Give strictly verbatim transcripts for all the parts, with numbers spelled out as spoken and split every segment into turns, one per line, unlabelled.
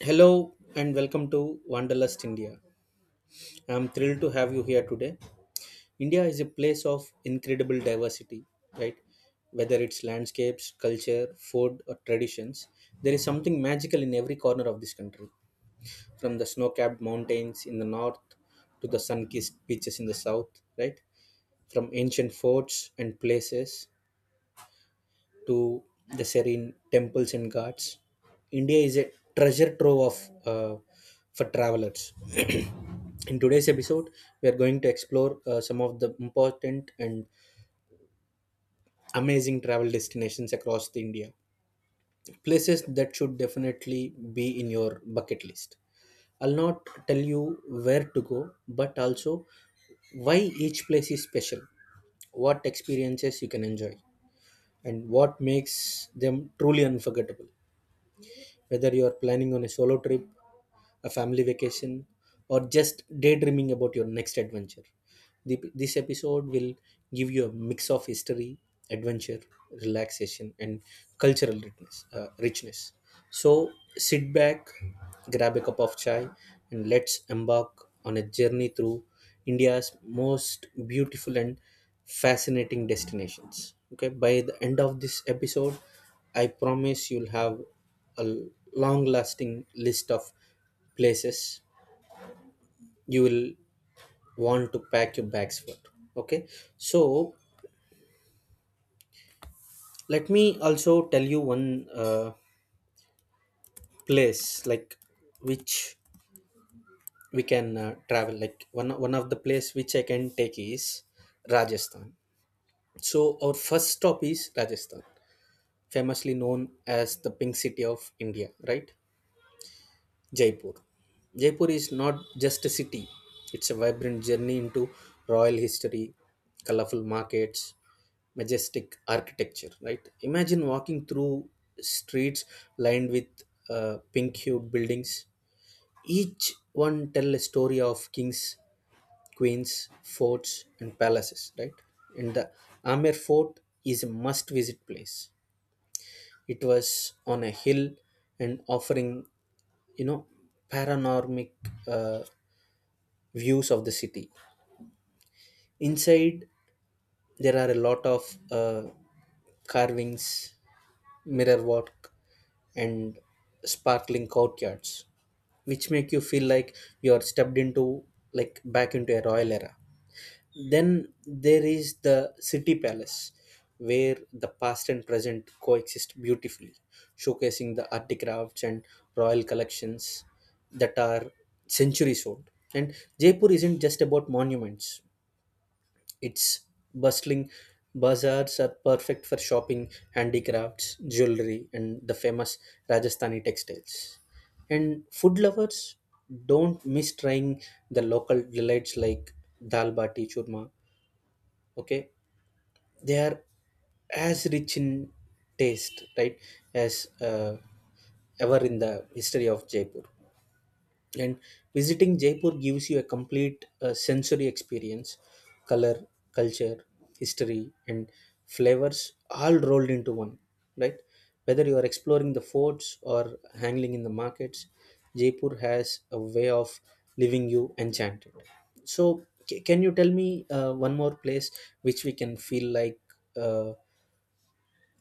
Hello and welcome to Wanderlust India. I'm thrilled to have you here today. India is a place of incredible diversity, right? Whether it's landscapes, culture, food, or traditions, there is something magical in every corner of this country. From the snow capped mountains in the north to the sun kissed beaches in the south, right? From ancient forts and places to the serene temples and ghats. India is a treasure trove of uh, for travelers. In today's episode, we are going to explore uh, some of the important and amazing travel destinations across the India. Places that should definitely be in your bucket list. I'll not tell you where to go, but also why each place is special, what experiences you can enjoy, and what makes them truly unforgettable. Whether you're planning on a solo trip, a family vacation, or just daydreaming about your next adventure, the, this episode will give you a mix of history, adventure, relaxation, and cultural richness. Uh, richness. So sit back, grab a cup of chai, and let's embark on a journey through India's most beautiful and fascinating destinations. Okay, by the end of this episode, I promise you'll have a long lasting list of places you will want to pack your bags for. Okay, so let me also tell you one uh, place, like, which we can uh, travel, like, one one of the place which I can take is Rajasthan. So our first stop is Rajasthan, famously known as the Pink City of India, right? Jaipur. Jaipur is not just a city, it's a vibrant journey into royal history, colorful markets, majestic architecture. Right, imagine walking through streets lined with uh, pink hued buildings, each one tell a story of kings, queens, forts and palaces, right? And the Amer Fort is a must visit place. It was on a hill and offering, you know, panoramic uh, views of the city. Inside, there are a lot of uh, carvings, mirror work, and sparkling courtyards, which make you feel like you're stepped into, like, back into a royal era. Then there is the city palace, where the past and present coexist beautifully, showcasing the art crafts and royal collections that are centuries old. And Jaipur isn't just about monuments, its bustling bazaars are perfect for shopping handicrafts, jewelry, and the famous Rajasthani textiles. And food lovers, don't miss trying the local delights like dal bati churma. Okay, they are as rich in taste, right, as uh, ever in the history of Jaipur. And visiting Jaipur gives you a complete uh, sensory experience: color, culture, history and flavors all rolled into one, right? Whether you are exploring the forts or hanging in the markets, Jaipur has a way of leaving you enchanted. So ca- can you tell me uh, one more place which we can feel like, uh,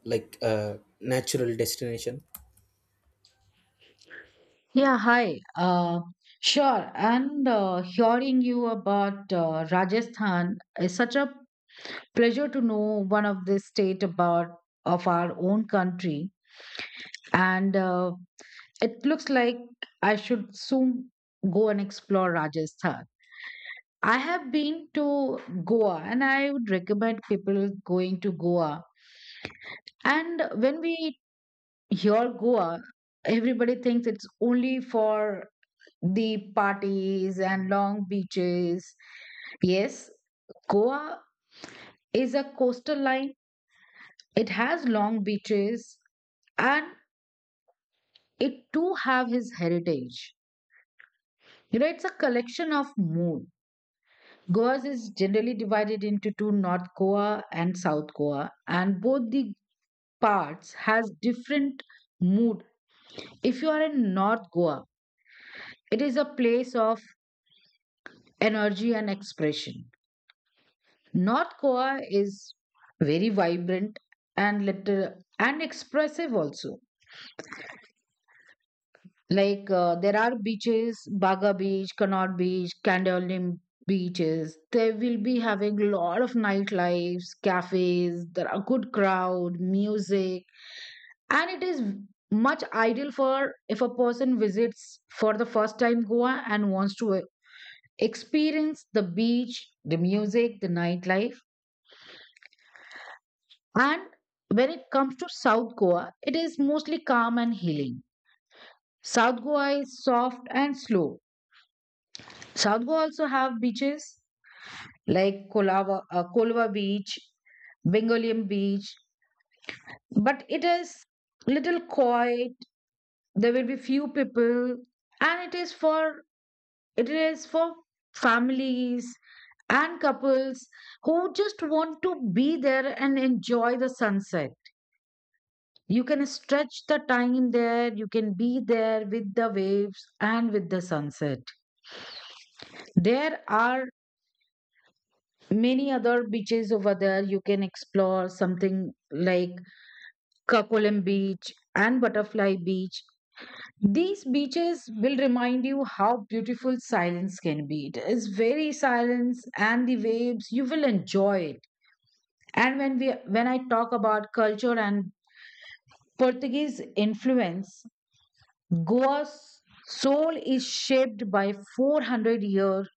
like a natural destination?
Yeah, hi. Uh, sure. And uh, hearing you about uh, Rajasthan is such a pleasure to know one of the state about of our own country. And uh, it looks like I should soon go and explore Rajasthan. I have been to Goa, and I would recommend people going to Goa. And when we hear Goa, everybody thinks it's only for the parties and long beaches. Yes, Goa is a coastal line. It has long beaches and it too have his heritage. You know, it's a collection of mood. Goa is generally divided into two, North Goa and South Goa, and both the parts has different mood. If you are in North Goa, it is a place of energy and expression. North Goa is very vibrant and little and expressive also. Like uh, there are beaches, Baga Beach, Connaught Beach, Candolim beaches. They will be having a lot of nightlives, cafes. There are good crowd, music, and it is much ideal for if a person visits for the first time Goa and wants to experience the beach, the music, the nightlife. And when it comes to South Goa, it is mostly calm and healing. South Goa is soft and slow. South Goa also have beaches like Kolava, uh, Kolva Beach, Bengalim Beach, but it is little quiet. There will be few people, and it is for it is for families and couples who just want to be there and enjoy the sunset. You can stretch the time there, you can be there with the waves and with the sunset. There are many other beaches over there you can explore, something like Kakolam Beach and Butterfly Beach. These beaches will remind you how beautiful silence can be. It is very silence and the waves, you will enjoy it. And when we when I talk about culture and Portuguese influence, Goa's soul is shaped by four hundred years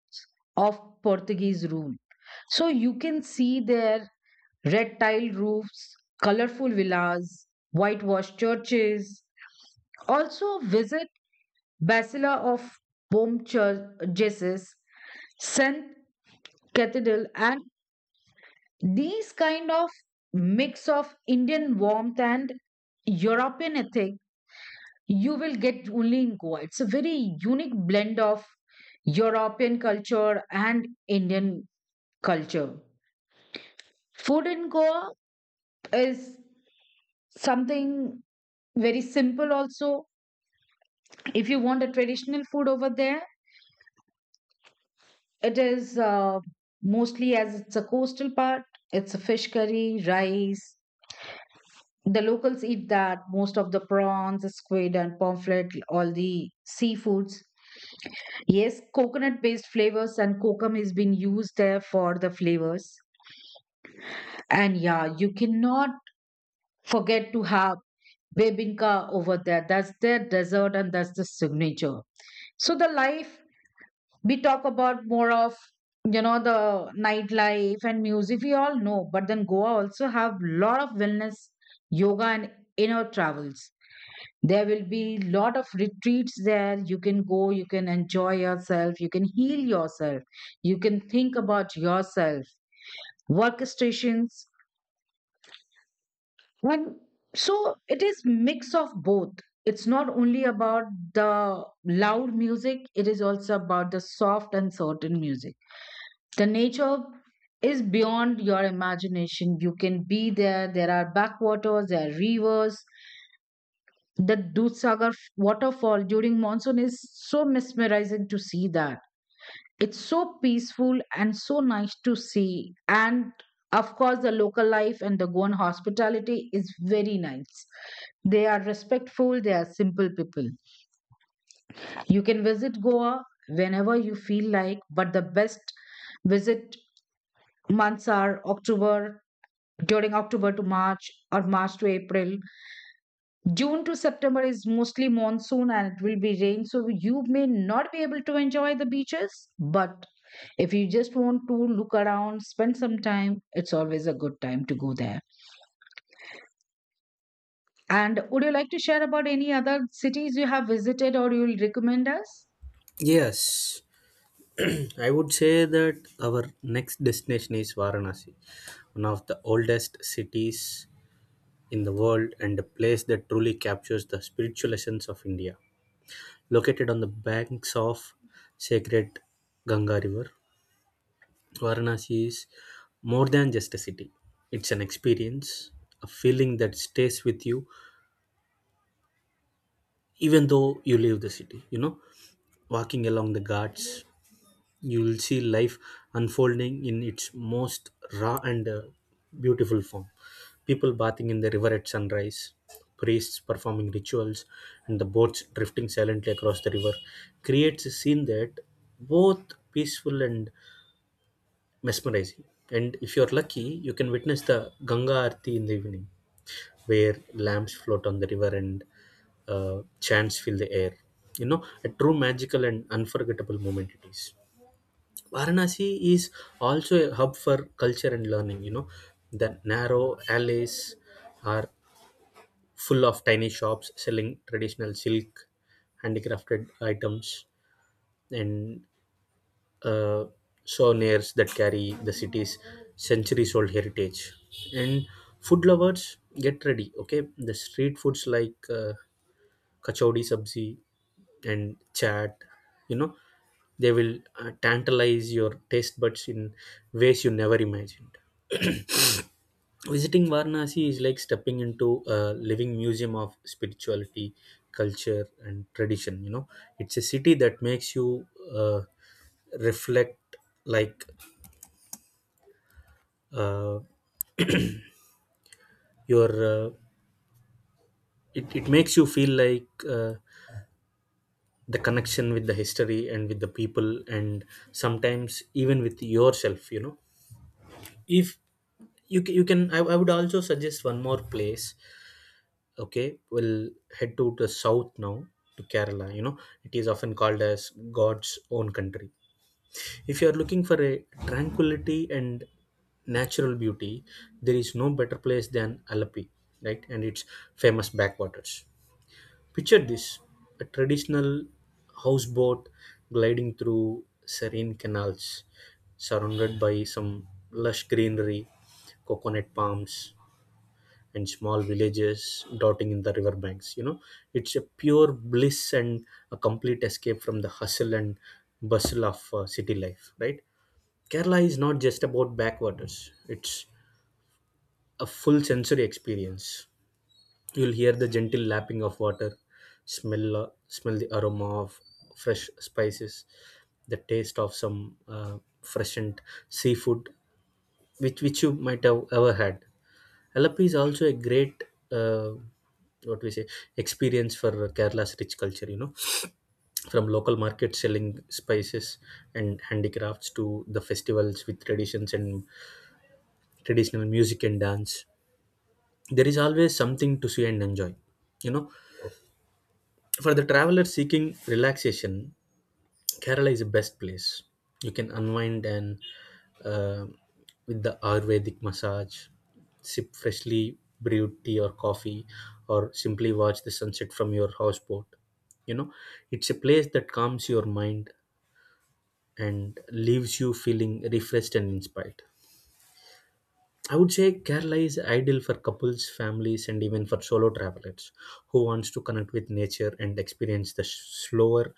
of Portuguese rule. So you can see their red tiled roofs, colorful villas, whitewashed churches. Also visit Basila of Bom Church, Jesus, Saint Cathedral, and these kind of mix of Indian warmth and European ethic you will get only in Goa. It's a very unique blend of European culture and Indian culture. Food in Goa is something very simple, also. If you want a traditional food over there, it is uh, mostly as it's a coastal part, it's a fish curry, rice. The locals eat that, most of the prawns, squid, and pomfret, all the seafoods. Yes, coconut based flavors and kokum is being used there for the flavors. And yeah, you cannot forget to have bebinka over there. That's their dessert and that's the signature. So the life we talk about more of, you know, the nightlife and music we all know, but then Goa also have lot of wellness, yoga and inner travels. There will be lot of retreats there, you can go, you can enjoy yourself, you can heal yourself, you can think about yourself, workstations, and so it is mix of both. It's not only about the loud music, it is also about the soft and certain music. The nature is beyond your imagination. You can be there, there are backwaters, there are rivers. The Dudhsagar waterfall during monsoon is so mesmerizing to see that. It's so peaceful and so nice to see. And of course, the local life and the Goan hospitality is very nice. They are respectful, they are simple people. You can visit Goa whenever you feel like, but the best visit months are October, during October to March or March to April. June to September is mostly monsoon and it will be rain, so you may not be able to enjoy the beaches. But if you just want to look around, spend some time, it's always a good time to go there. And would you like to share about any other cities you have visited or you'll recommend us?
Yes, I would say that our next destination is Varanasi, one of the oldest cities in the world and a place that truly captures the spiritual essence of India. Located on the banks of sacred Ganga River, Varanasi is more than just a city. It's an experience, a feeling that stays with you even though you leave the city. You know, walking along the ghats, you will see life unfolding in its most raw and uh, beautiful form. People bathing in the river at sunrise, priests performing rituals, and the boats drifting silently across the river creates a scene that both peaceful and mesmerizing. And if you're lucky, you can witness the Ganga Aarti in the evening, where lamps float on the river and uh, chants fill the air. You know, a true magical and unforgettable moment it is. Varanasi is also a hub for culture and learning. You know, the narrow alleys are full of tiny shops selling traditional silk, handicrafted items, and uh, souvenirs that carry the city's centuries old heritage. And food lovers, get ready, okay? The street foods like uh, kachodi sabzi and chat, you know, they will uh, tantalize your taste buds in ways you never imagined. Visiting Varanasi is like stepping into a living museum of spirituality, culture and tradition. You know, it's a city that makes you uh, reflect, like uh, your uh, it, it makes you feel like uh, the connection with the history and with the people and sometimes even with yourself, you know. If you ca- you can, I, I would also suggest one more place. Okay, we'll head to the south now, to Kerala. You know, it is often called as God's own country. If you are looking for a tranquility and natural beauty, there is no better place than Alapi, right? And its famous backwaters. Picture this: a traditional houseboat gliding through serene canals, surrounded by some lush greenery, coconut palms and small villages dotting in the riverbanks. You know, it's a pure bliss and a complete escape from the hustle and bustle of uh, city life, right? Kerala is not just about backwaters, it's a full sensory experience. You'll hear the gentle lapping of water, smell, uh, smell the aroma of fresh spices, the taste of some uh, freshened seafood, which, which you might have ever had. Halappi is also a great, uh, what we say, experience for Kerala's rich culture. You know, from local markets selling spices and handicrafts to the festivals with traditions and traditional music and dance. There is always something to see and enjoy. You know, for the traveler seeking relaxation, Kerala is the best place. You can unwind and, uh, with the Ayurvedic massage, sip freshly brewed tea or coffee, or simply watch the sunset from your houseboat. You know, it's a place that calms your mind and leaves you feeling refreshed and inspired. I would say Kerala is ideal for couples, families, and even for solo travelers who wants to connect with nature and experience the slower,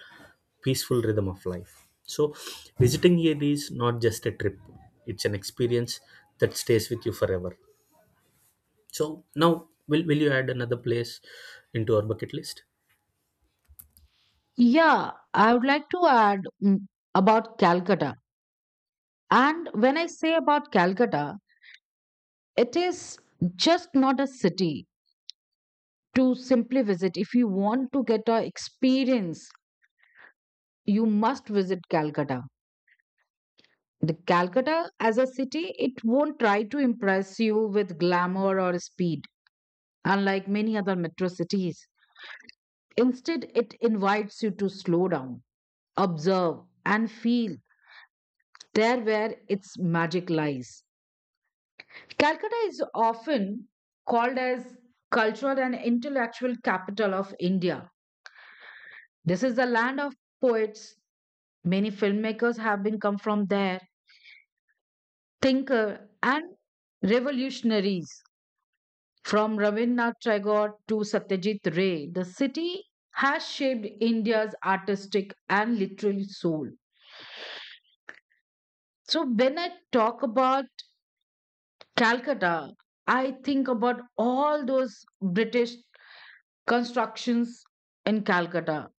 peaceful rhythm of life. So, visiting here is not just a trip; it's an experience that stays with you forever. So, now will will you add another place into our bucket list?
Yeah, I would like to add mm, about Calcutta. And when I say about Calcutta, it is just not a city to simply visit. If you want to get a experience, you must visit Calcutta. The Calcutta as a city, it won't try to impress you with glamour or speed, unlike many other metro cities. Instead, it invites you to slow down, observe, and feel. There where its magic lies. Calcutta is often called as cultural and intellectual capital of India. This is the land of poets. Many filmmakers have been come from there, thinker and revolutionaries. From Rabindranath Tagore to Satyajit Ray, the city has shaped India's artistic and literary soul. So, when I talk about Calcutta, I think about all those British constructions in Calcutta.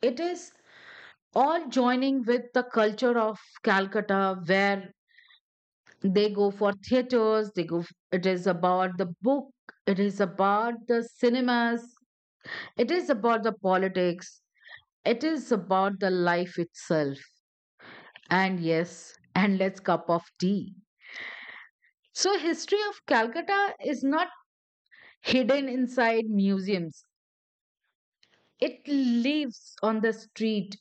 It is all joining with the culture of Calcutta, where they go for theaters, they go, it is about the book, it is about the cinemas, it is about the politics, it is about the life itself, and yes, and let's cup of tea. So history of Calcutta is not hidden inside museums, it lives on the street.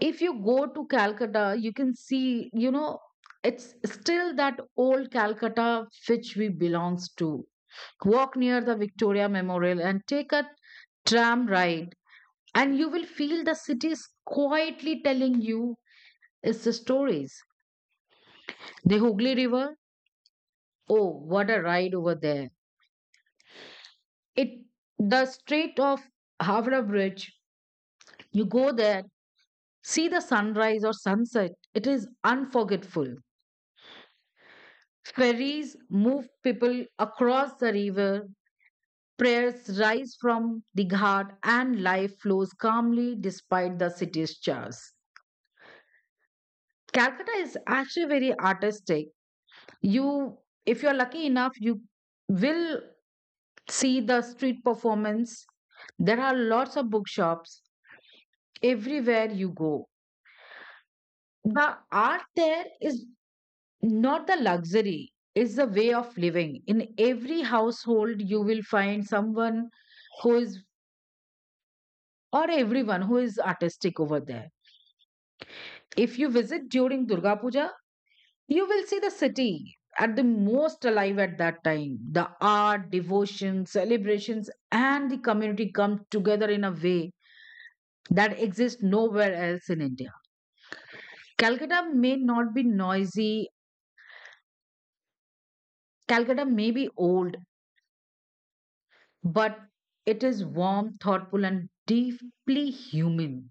If you go to Calcutta, you can see, you know, it's still that old Calcutta which we belongs to. Walk near the Victoria Memorial and take a tram ride, and you will feel the city is quietly telling you its stories. The Hooghly River, oh, what a ride over there! It the Strait of Havra Bridge. You go there, see the sunrise or sunset. It is unforgettable. Ferries move people across the river. Prayers rise from the ghat, and life flows calmly despite the city's chaos. Calcutta is actually very artistic. You, if you're lucky enough, you will see the street performance. There are lots of bookshops everywhere you go. The art there is not the luxury, it's the way of living. In every household, you will find someone who is, or everyone who is artistic over there. If you visit during Durga Puja, you will see the city at the most alive at that time. The art, devotion, celebrations, and the community come together in a way that exists nowhere else in India. Calcutta may not be noisy, Calcutta may be old, but it is warm, thoughtful, and deeply human.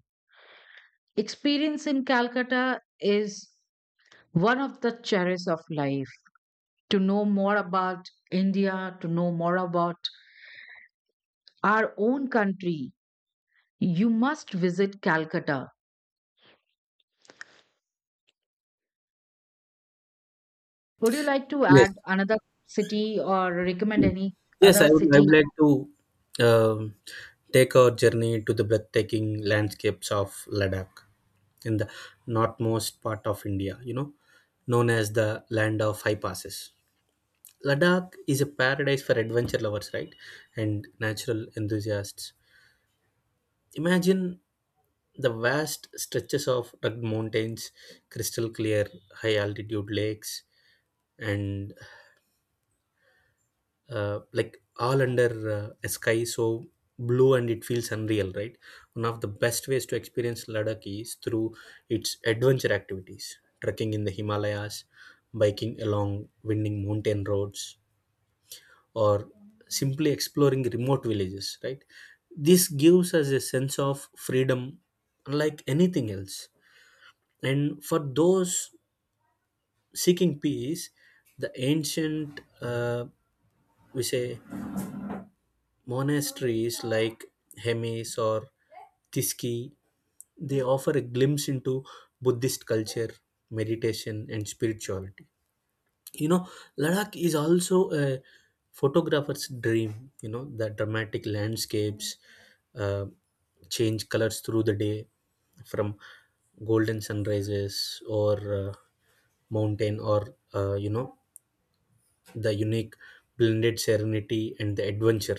Experience in Calcutta is one of the cherished of life. To know more about India, to know more about our own country, you must visit Calcutta. Would you like to
Yes.
add another city or recommend any
Yes,
other
I would, I
city?
would like to um, take our journey to the breathtaking landscapes of Ladakh in the northmost part of India, you know, known as the land of high passes. Ladakh is a paradise for adventure lovers, right? And natural enthusiasts. Imagine the vast stretches of rugged mountains, crystal clear high altitude lakes, and uh, like all under uh, a sky so blue and it feels unreal, right? One of the best ways to experience Ladakh is through its adventure activities: trekking in the Himalayas, biking along winding mountain roads, or simply exploring remote villages, right? This gives us a sense of freedom unlike anything else. And for those seeking peace, the ancient, uh, we say, monasteries like Hemis or Thiski, they offer a glimpse into Buddhist culture, meditation, and spirituality. You know, Ladakh is also a photographer's dream. You know, the dramatic landscapes uh, change colors through the day, from golden sunrises or uh, mountain or, uh, you know, the unique blended serenity and the adventure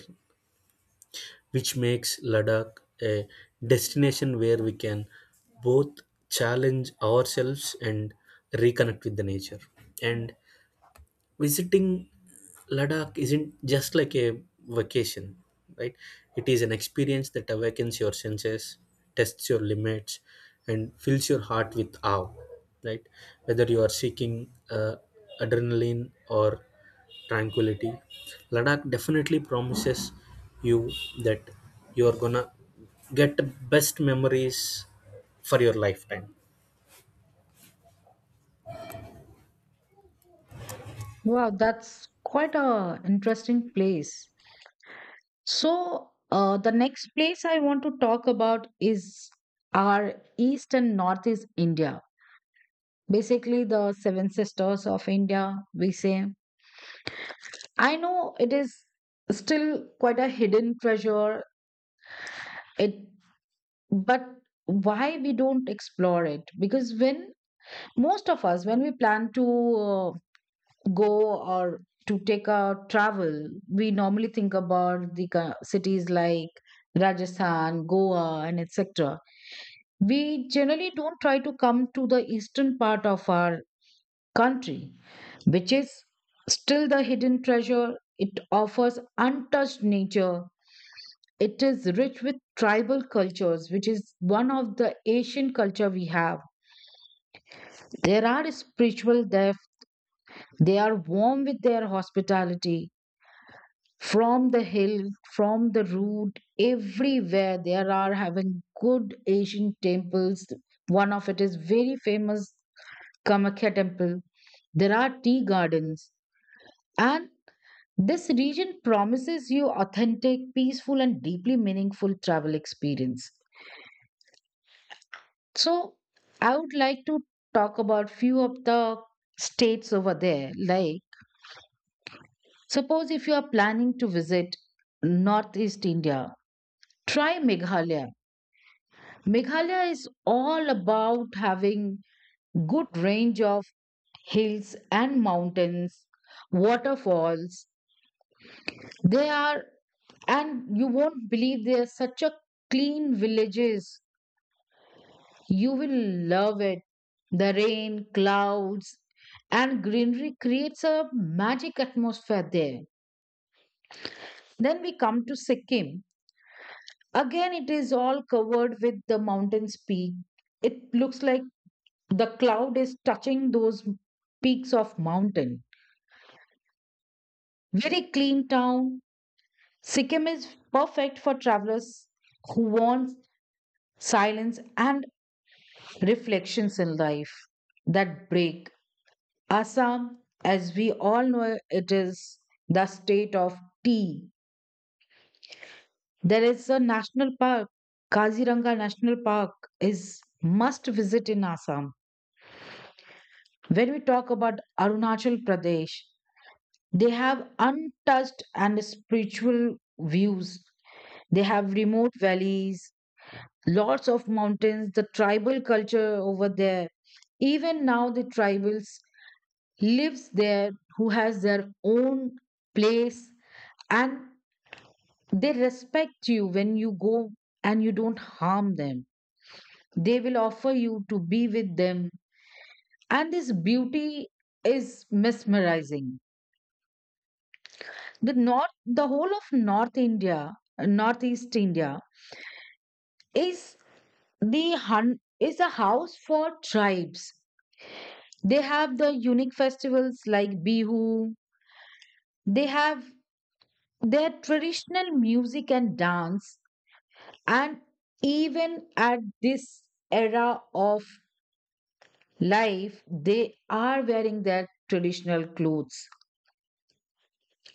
which makes Ladakh a destination where we can both challenge ourselves and reconnect with the nature. And visiting Ladakh isn't just like a vacation, right? It is an experience that awakens your senses, tests your limits, and fills your heart with awe, right? Whether you are seeking uh, adrenaline or tranquility, Ladakh definitely promises you that you are gonna get the best memories for your lifetime.
Wow, that's quite a interesting place. So, uh, the next place I want to talk about is our East and Northeast India. Basically, the Seven Sisters of India, we say. I know it is still quite a hidden treasure. It, but why we don't explore it? Because when most of us when we plan to uh, go or to take a travel, we normally think about the ki- cities like Rajasthan, Goa and etc. We generally don't try to come to the eastern part of our country, which is still the hidden treasure. It offers untouched nature, it is rich with tribal cultures which is one of the Asian culture we have. There are spiritual. They are warm with their hospitality, from the hill, from the road, everywhere. There are having good Asian temples. One of it is very famous Kamakya temple. There are tea gardens. And this region promises you authentic, peaceful, and deeply meaningful travel experience. So I would like to talk about few of the states over there, like, suppose if you are planning to visit Northeast India, try Meghalaya. Meghalaya is all about having good range of hills and mountains, waterfalls. They are, and you won't believe they are such a clean villages. You will love it. The rain, clouds, and greenery creates a magic atmosphere there. Then we come to Sikkim. Again, it is all covered with the mountain's peak. It looks like the cloud is touching those peaks of mountain. Very clean town. Sikkim is perfect for travelers who want silence and reflections in life that break. Assam, as we all know, it is the state of tea. There is a national park. Kaziranga National Park is must visit in Assam. When we talk about Arunachal Pradesh, they have untouched and spiritual views. They have remote valleys, lots of mountains, the tribal culture over there. Even now, the tribals lives there who has their own place and they respect you when you go and you don't harm them. They will offer you to be with them. And this beauty is mesmerizing. The north, the whole of North India, uh, Northeast India is the hun is a house for tribes. They have the unique festivals like Bihu, they have their traditional music and dance, and even at this era of life, they are wearing their traditional clothes,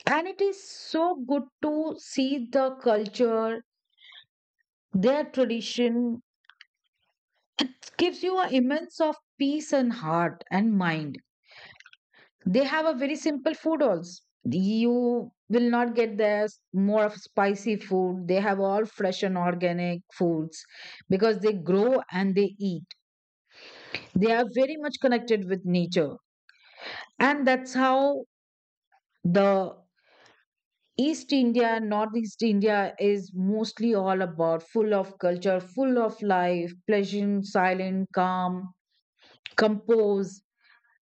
and it is so good to see the culture. Their tradition gives you an immense of peace and heart and mind. They have a very simple food also. You will not get there more of spicy food. They have all fresh and organic foods because they grow and they eat. They are very much connected with nature. And that's how the East India, Northeast India is mostly all about full of culture, full of life, pleasant, silent, calm, composed.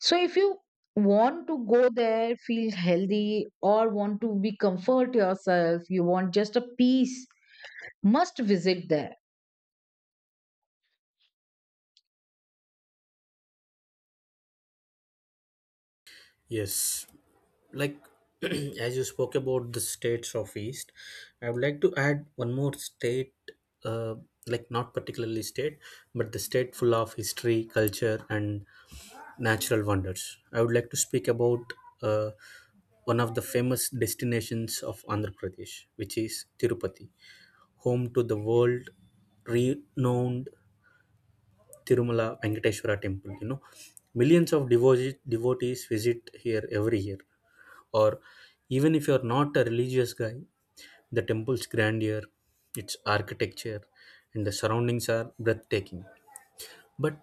So if you want to go there, feel healthy, or want to be comfort yourself, you want just a peace, must visit there.
Yes, like, as you spoke about the states of east, I would like to add one more state, uh, like not particularly state, but the state full of history, culture and natural wonders. I would like to speak about uh, one of the famous destinations of Andhra Pradesh, which is Tirupati, home to the world renowned Tirumala Venkateshwara temple. You know, millions of devotees devotees visit here every year. Or even if you're not a religious guy, the temple's grandeur, its architecture and the surroundings are breathtaking. But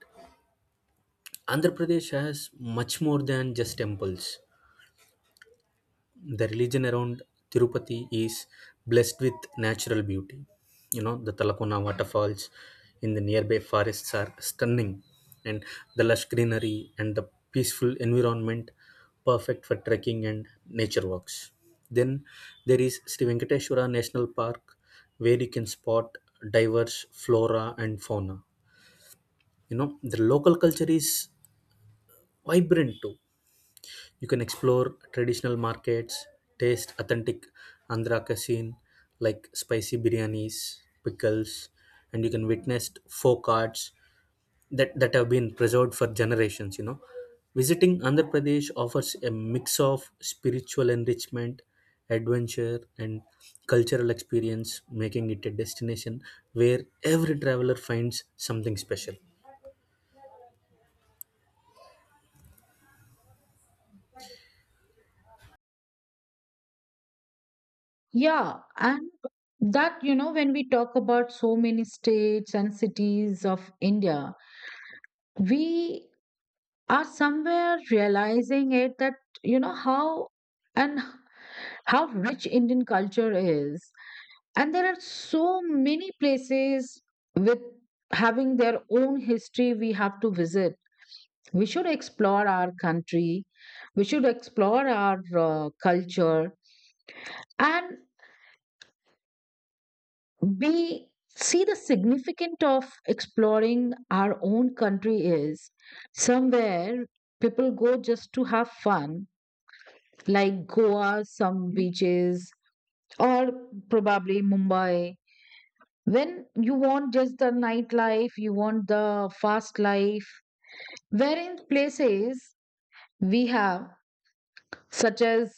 Andhra Pradesh has much more than just temples. The religion around Tirupati is blessed with natural beauty. You know, the Talakona waterfalls in the nearby forests are stunning, and the lush greenery and the peaceful environment perfect for trekking and nature walks. Then there is Sri Venkateshwara National Park, where you can spot diverse flora and fauna. You know, the local culture is vibrant too. You can explore traditional markets, taste authentic Andhra cuisine like spicy biryanis, pickles, and you can witness folk arts that, that have been preserved for generations, you know. Visiting Andhra Pradesh offers a mix of spiritual enrichment, adventure, and cultural experience, making it a destination where every traveler finds something special.
Yeah, and that you know when we talk about so many states and cities of India, we are somewhere realizing it that you know how, and how rich Indian culture is. And there are so many places with having their own history we have to visit. We should explore our country, we should explore our uh, culture, and we see the significance of exploring our own country. Is somewhere people go just to have fun, like Goa some beaches, or probably Mumbai, when you want just the nightlife, you want the fast life, wherein places we have such as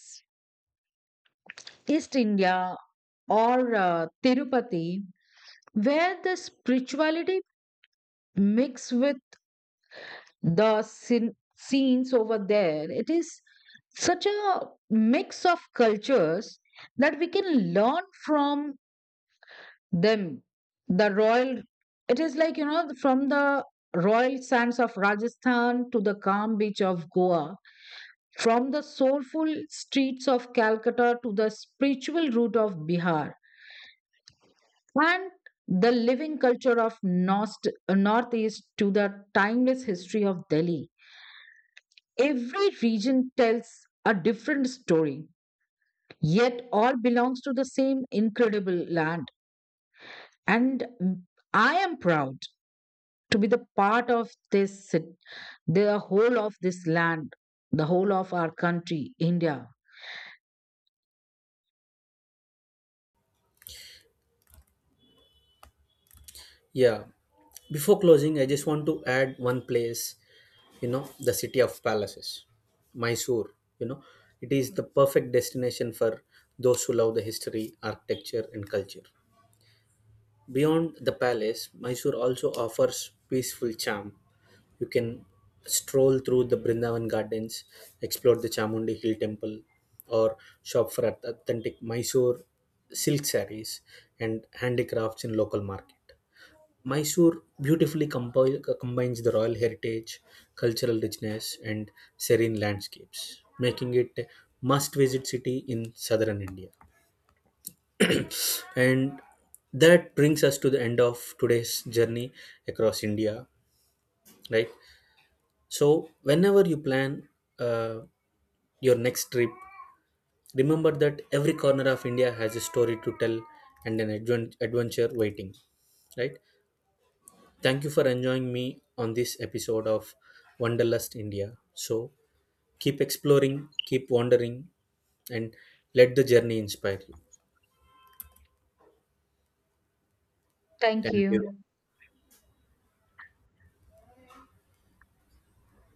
East India or uh, Tirupati, where the spirituality mixed with the sin- scenes over there. It is such a mix of cultures that we can learn from them. The royal, it is like, you know, from the royal sands of Rajasthan to the calm beach of Goa, from the soulful streets of Calcutta to the spiritual root of Bihar. And the living culture of Nost- uh, Northeast to the timeless history of Delhi. Every region tells a different story, yet all belongs to the same incredible land. And mm, I am proud to be the part of this, cit- the whole of this land, the whole of our country, India.
Yeah, before closing, I just want to add one place, you know, the city of palaces, Mysore. You know, it is the perfect destination for those who love the history, architecture and culture. Beyond the palace, Mysore also offers peaceful charm. You can stroll through the Brindavan Gardens, explore the Chamundi Hill temple, or shop for authentic Mysore silk sarees and handicrafts in local market. Mysore beautifully compi- combines the royal heritage, cultural richness, and serene landscapes, making it a must visit city in southern India. And that brings us to the end of today's journey across India, right? So, whenever you plan uh, your next trip, remember that every corner of India has a story to tell and an advent- adventure waiting, right? Thank you for enjoying me on this episode of Wanderlust India. So keep exploring, keep wandering, and let the journey inspire you.
Thank
Thank you.
you.